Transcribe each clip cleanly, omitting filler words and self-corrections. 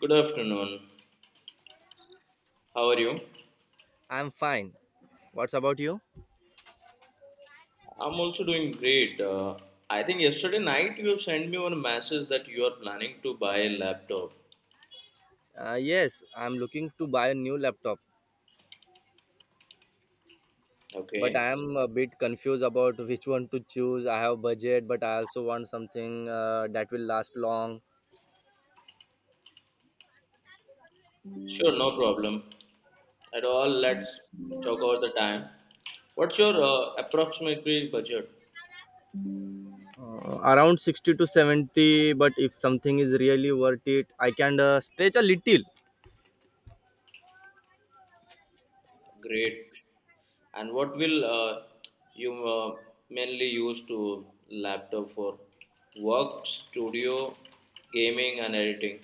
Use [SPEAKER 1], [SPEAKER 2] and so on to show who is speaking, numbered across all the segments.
[SPEAKER 1] Good afternoon. How are you?
[SPEAKER 2] I'm fine. What's about you?
[SPEAKER 1] I'm also doing great. I think yesterday night you have sent me one message that you are planning to buy a laptop.
[SPEAKER 2] Yes, I'm looking to buy a new laptop, but
[SPEAKER 1] Okay.
[SPEAKER 2] I am a bit confused about which one to choose. I have budget, but I also want something that will last long.
[SPEAKER 1] Sure, no problem. At all, let's talk about the time. What's your approximately budget?
[SPEAKER 2] Around 60 to 70, but if something is really worth it, I can stretch a little.
[SPEAKER 1] Great. And what will you mainly use to laptop for? Work, studio, gaming, and editing.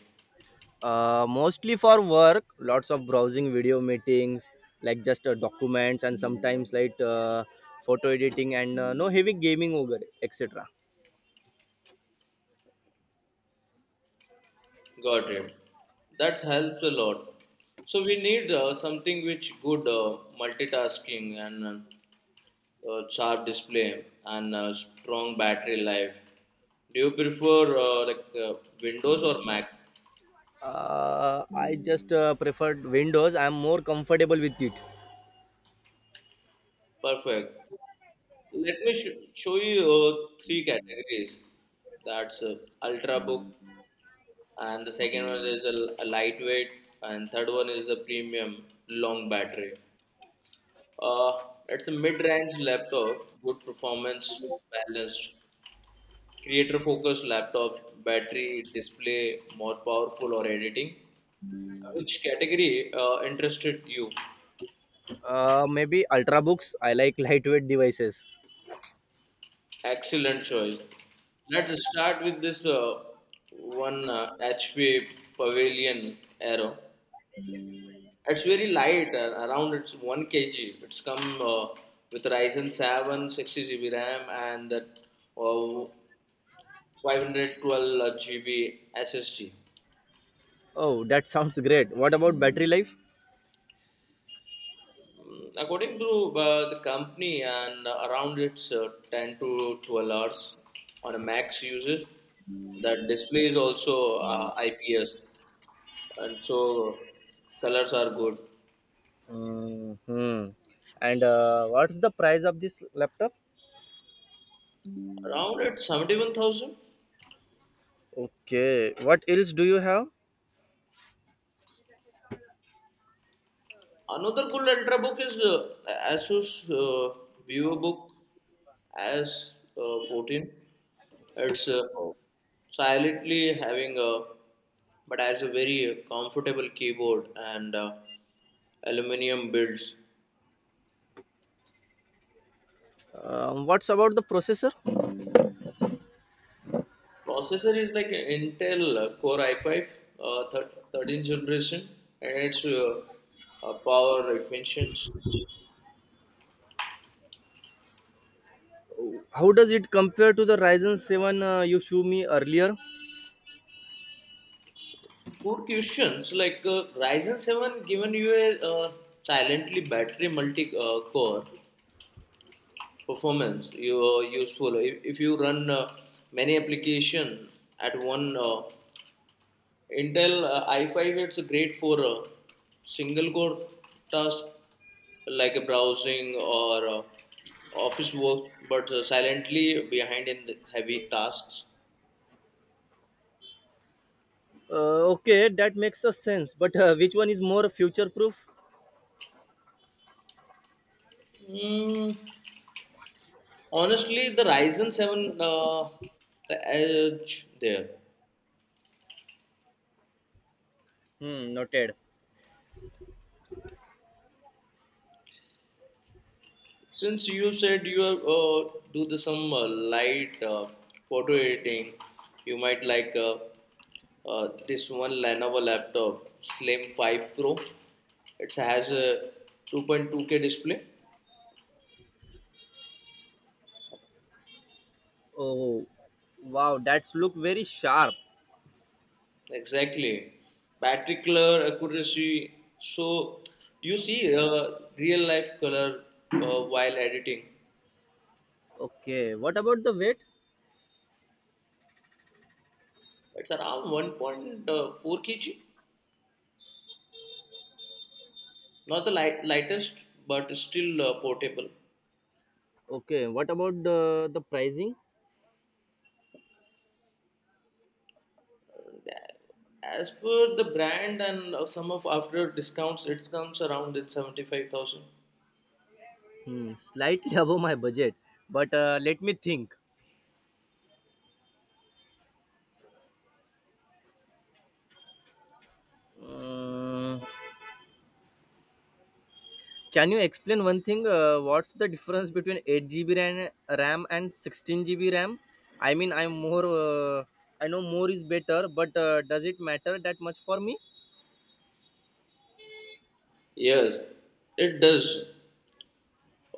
[SPEAKER 2] Mostly for work, lots of browsing video meetings, like just documents and sometimes like photo editing and no heavy gaming over, etc.
[SPEAKER 1] Got it. That helps a lot. So we need something which good multitasking and sharp display and strong battery life. Do you prefer like Windows or Mac?
[SPEAKER 2] I just preferred Windows. I'm more comfortable with it.
[SPEAKER 1] Perfect. Let me show you three categories. That's ultrabook, and the second one is a lightweight, and third one is the premium long battery. It's a mid-range laptop, good performance, balanced, creator-focused laptops, battery, display, more powerful or editing. Which category interested you?
[SPEAKER 2] Maybe Ultrabooks. I like lightweight devices.
[SPEAKER 1] Excellent choice. Let's start with this one HP Pavilion Arrow. It's very light, around it's 1 kg. It's come with Ryzen 7, sixty 60 GB RAM, and that uh, 512 GB SSD.
[SPEAKER 2] Oh, that sounds great. What about battery life?
[SPEAKER 1] According to the company, and around its 10 to 12 hours on a max uses, the display is also IPS, and so colors are good.
[SPEAKER 2] Hmm. And what's the price of this laptop?
[SPEAKER 1] Around at 71,000.
[SPEAKER 2] Okay. What else do you have?
[SPEAKER 1] Another cool ultrabook is Asus VivoBook as 14. It's silently having a but has a very comfortable keyboard and aluminum builds.
[SPEAKER 2] What's about the processor?
[SPEAKER 1] Processor is like an Intel Core i5 13th generation and it's power efficient.
[SPEAKER 2] How does it compare to the Ryzen 7 you showed me earlier?
[SPEAKER 1] Good questions. Like Ryzen 7 given you a silently battery multi-core performance. You useful if you run many application at one. Intel i5 it's great for single core task like a browsing or office work, but silently behind in the heavy tasks.
[SPEAKER 2] Okay, that makes a sense. But which one is more future proof?
[SPEAKER 1] Mm, Honestly, the Ryzen 7, the edge there.
[SPEAKER 2] Hmm, noted.
[SPEAKER 1] Since you said you do the some light photo editing, you might like this one Lenovo laptop, Slim 5 Pro. It has a 2.2K display.
[SPEAKER 2] Oh, wow, that's look very sharp.
[SPEAKER 1] Exactly. Battery color accuracy. So you see real life color while editing.
[SPEAKER 2] Okay, what about the weight?
[SPEAKER 1] It's around 1.4 kg. Not the light, lightest but still portable.
[SPEAKER 2] Okay, what about the pricing?
[SPEAKER 1] As per the brand and some of after discounts it comes around at 75,000.
[SPEAKER 2] Hmm, slightly above my budget, but let me think. Mm, can you explain one thing? What's the difference between 8 GB RAM and 16 GB RAM? I mean, I'm more. I know more is better, but does it matter that much for me?
[SPEAKER 1] Yes it does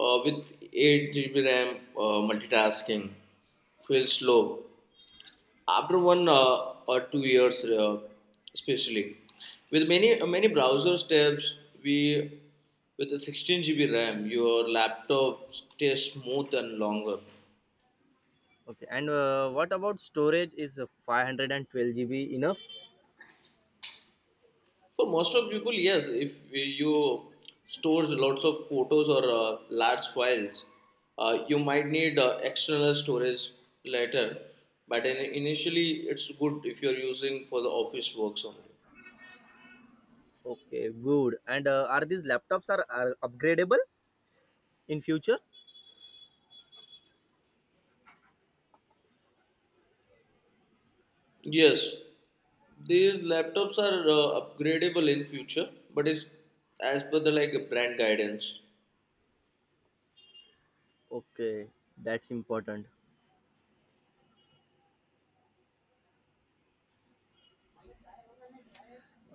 [SPEAKER 1] with 8 GB ram multitasking feels slow after one or 2 years especially with many browser tabs we with a 16 GB ram your laptop stays smooth and longer.
[SPEAKER 2] Okay, and what about storage? Is 512 GB enough?
[SPEAKER 1] For most of people, yes. If you stores lots of photos or large files, you might need external storage later. But initially, it's good if you're using for the office works only.
[SPEAKER 2] Okay, good. And are these laptops are upgradable in future?
[SPEAKER 1] Yes, these laptops are upgradable in future, but it's as per the like brand guidance.
[SPEAKER 2] Okay, that's important.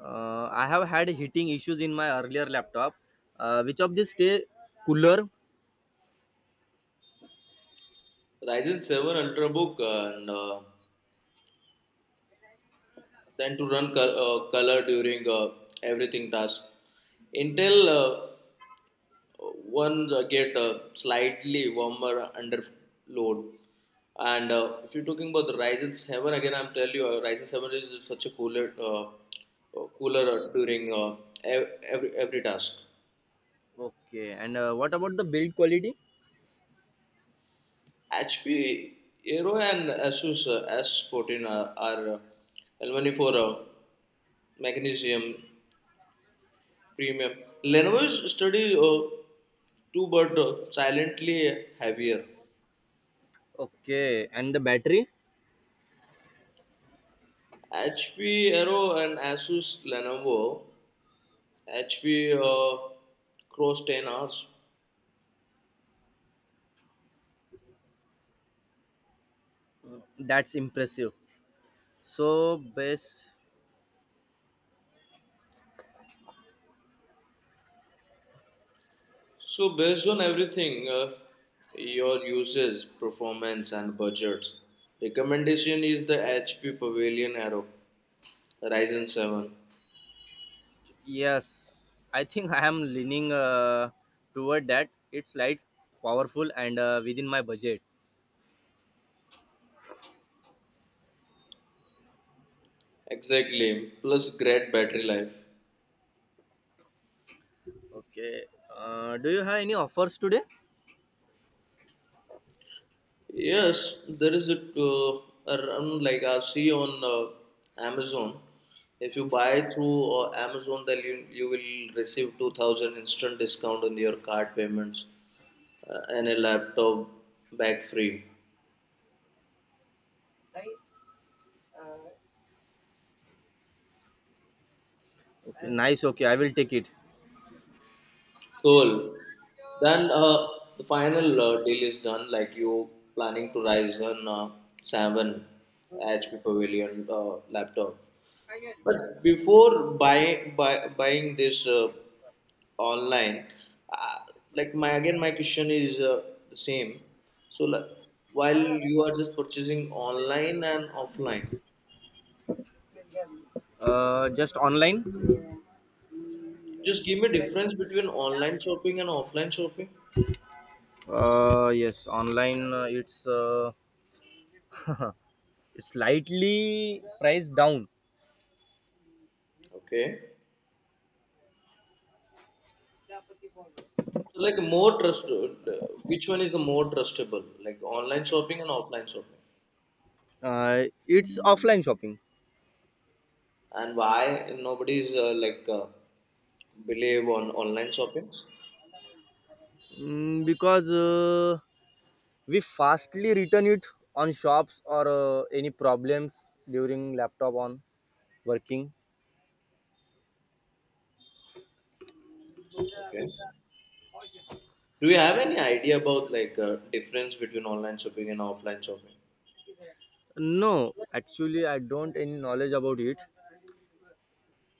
[SPEAKER 2] I have had heating issues in my earlier laptop. Which of these stay cooler?
[SPEAKER 1] Ryzen 7 Ultrabook and then to run color during everything task. Intel One get slightly warmer under load. And if you're talking about the Ryzen 7, again, I'm telling you, Ryzen 7 is such a cooler, cooler during every task.
[SPEAKER 2] Okay, and what about the build quality?
[SPEAKER 1] HP Aero and Asus S14 are L1 for magnesium premium. Lenovo's study too, but silently heavier.
[SPEAKER 2] Okay, and the battery?
[SPEAKER 1] HP Aero and Asus Lenovo HP cross 10 hours.
[SPEAKER 2] That's impressive. So base,
[SPEAKER 1] So, based on everything, your uses, performance, and budgets, recommendation is the HP Pavilion Arrow Ryzen 7.
[SPEAKER 2] yes, I think I am leaning toward that. It's light, powerful, and within my budget.
[SPEAKER 1] Exactly, plus great battery life.
[SPEAKER 2] Okay, do you have any offers today?
[SPEAKER 1] Yes, there is a around like I see on Amazon. If you buy through Amazon, then you will receive 2000 instant discount on your card payments. And a laptop bag free.
[SPEAKER 2] Okay, nice. Okay, I will take it.
[SPEAKER 1] Cool. Then the final deal is done. Like you planning to Ryzen 7 HP Pavilion laptop. But before buying this online, uh, like my again my question is the same. So like, while you are just purchasing online and offline,
[SPEAKER 2] Just online.
[SPEAKER 1] just give me difference between online shopping and offline shopping.
[SPEAKER 2] Yes, online. It's it's slightly priced down.
[SPEAKER 1] Okay. Like more trust, which one is the more trustable? Like online shopping and offline shopping,
[SPEAKER 2] It's offline shopping.
[SPEAKER 1] and why nobody is like believe on online shopping?
[SPEAKER 2] Mm, because we fastly return it on shops or any problems during laptop on working.
[SPEAKER 1] Okay. Do you have any idea about like difference between online shopping and offline shopping?
[SPEAKER 2] No, actually, I don't any knowledge about it,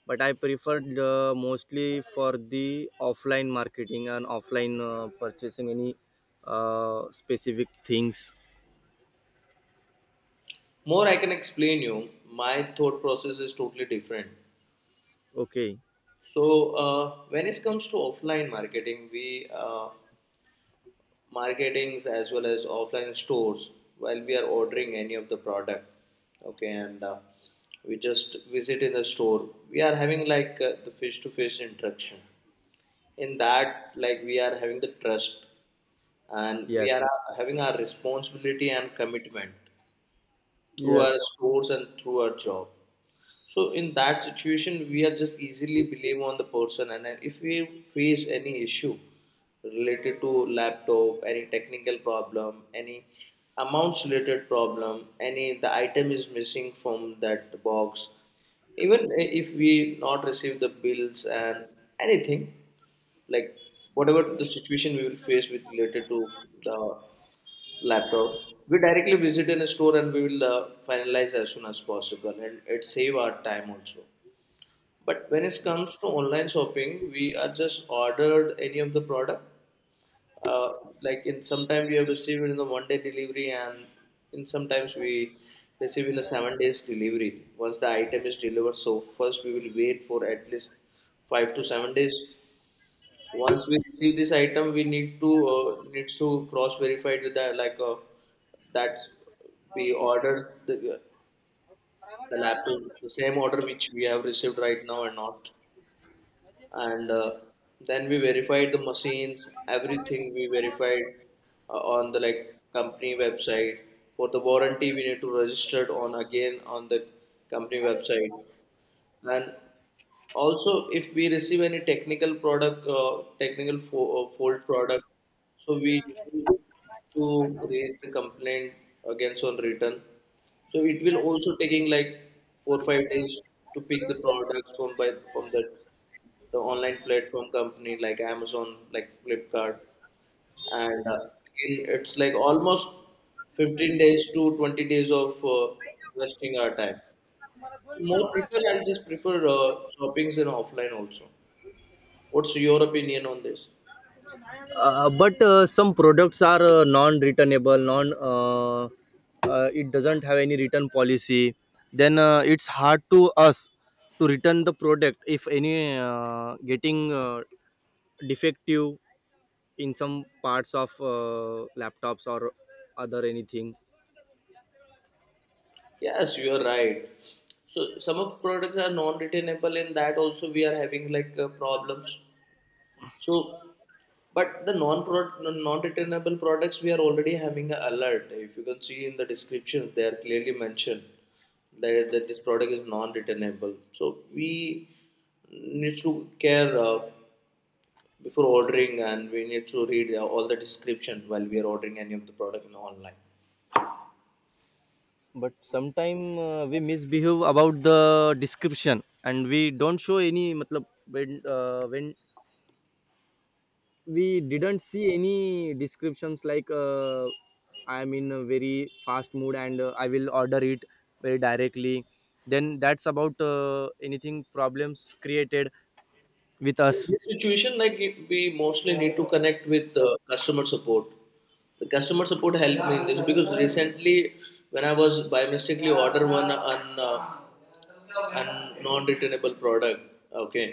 [SPEAKER 2] but I preferred mostly for the offline marketing and offline purchasing any specific things.
[SPEAKER 1] More, I can explain you. My thought process is totally different.
[SPEAKER 2] Okay.
[SPEAKER 1] So when it comes to offline marketing, we marketings as well as offline stores while we are ordering any of the product. Okay, and we just visit in the store we are having like the face to face interaction, in that like we are having the trust and we are
[SPEAKER 2] Yes.
[SPEAKER 1] having our responsibility and commitment through our
[SPEAKER 2] Yes.
[SPEAKER 1] stores and through our job. So in that situation, we are just easily blame on the person, and then if we face any issue related to laptop, any technical problem, any amounts related problem, any the item is missing from that box, even if we not receive the bills and anything, like whatever the situation we will face with related to the laptop. We directly visit in a store and we will finalize as soon as possible, and it save our time also. But when it comes
[SPEAKER 2] Yes.
[SPEAKER 1] to online shopping, we are just ordered any of the product. Uh, like in sometime we have received in the one day delivery, and in sometimes we receive in a 7 days delivery. Once the item is delivered, so first we will wait for at least 5 to 7 days. Once we receive this item, we need to needs to cross verify it with that, like that we order the laptop, the same order which we have received right now or not, and then we verified the machines, everything we verified on the like company website. For the warranty, we need to register it on again on the company website, and also if we receive any technical product technical fault product, so we need to raise the complaint against on return, so it will also taking like 4 5 days to pick the products from by from the online platform company like Amazon, like Flipkart, and again it's like almost 15 days to 20 days of wasting our time. So more prefer I just prefer shoppings in offline also. What's your opinion on this?
[SPEAKER 2] But some products are non-returnable, non. It doesn't have any return policy. Then it's hard to us to return the product if any getting defective in some parts of laptops or other anything.
[SPEAKER 1] Yes, you are right. So some of products are non-retainable, in that also we are having like problems. So but the non-retainable products we are already having a alert. If you can see in the description, they are clearly mentioned that this product is non-retainable. So we need to care before ordering and we need to read all the description while we are ordering any of the product in online.
[SPEAKER 2] But sometime we misbehave about the description and we don't show any. Matlab, when we didn't see any descriptions like I am in a very fast mood and I will order it very directly, then that's about anything problems created with
[SPEAKER 1] In
[SPEAKER 2] us.
[SPEAKER 1] this situation, like we mostly need to connect with customer support. The customer support helped me in this because recently, when I was by mistakenly order one an un non-returnable product, okay,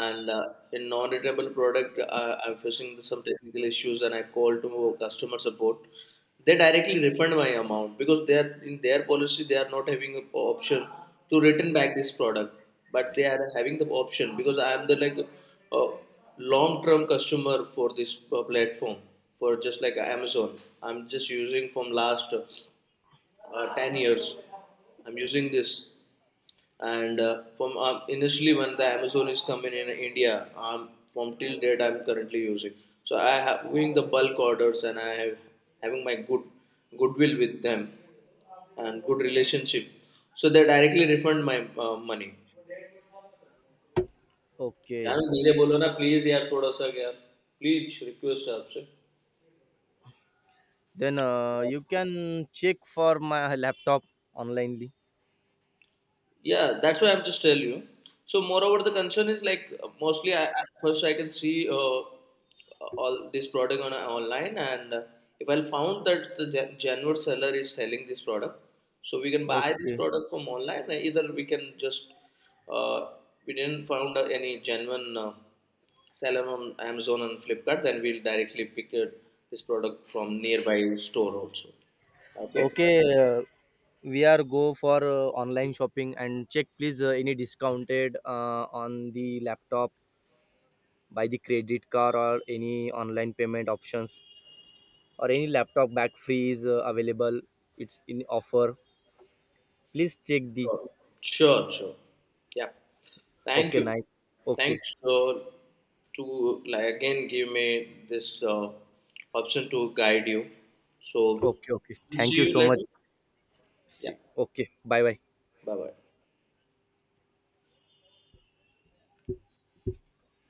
[SPEAKER 1] and in non-returnable product, I'm facing some technical issues, and I called to customer support. They directly refund my amount because they are in their policy they are not having a option to return back this product, but they are having the option because I am the like uh, long term customer for this platform, for just like Amazon. I'm just using from last 10 years. I'm using this, and from initially when the Amazon is coming in India, from till date I'm currently using, so I have doing the bulk orders and I have having my good goodwill with them and good relationship, so they directly refund my money. यार
[SPEAKER 2] Okay,
[SPEAKER 1] धीरे बोलो ना please यार थोड़ा सा यार please request है आपसे.
[SPEAKER 2] then you can check for my laptop onlinely.
[SPEAKER 1] Yeah, that's why I'm just telling you. So, moreover, the concern is like mostly I, at first I can see all this product on online, and if I found that the genuine seller is selling this product, so we can buy this
[SPEAKER 2] Okay.
[SPEAKER 1] product from online. Either we can just uh, we didn't found any genuine seller on Amazon and Flipkart, then we'll directly pick this product from nearby store also. Okay.
[SPEAKER 2] Okay, we are go for online shopping and check please any discounted on the laptop by the credit card or any online payment options or any laptop back free is available, it's in offer, please check the.
[SPEAKER 1] Sure, sure. Sure. Yeah. Thank
[SPEAKER 2] Okay,
[SPEAKER 1] you.
[SPEAKER 2] nice. Okay.
[SPEAKER 1] Thanks to like again give me this option to guide you. So,
[SPEAKER 2] Okay. Okay, thank
[SPEAKER 1] see
[SPEAKER 2] you
[SPEAKER 1] you
[SPEAKER 2] so much.
[SPEAKER 1] later. Yeah.
[SPEAKER 2] See. Okay, bye bye.
[SPEAKER 1] Bye bye.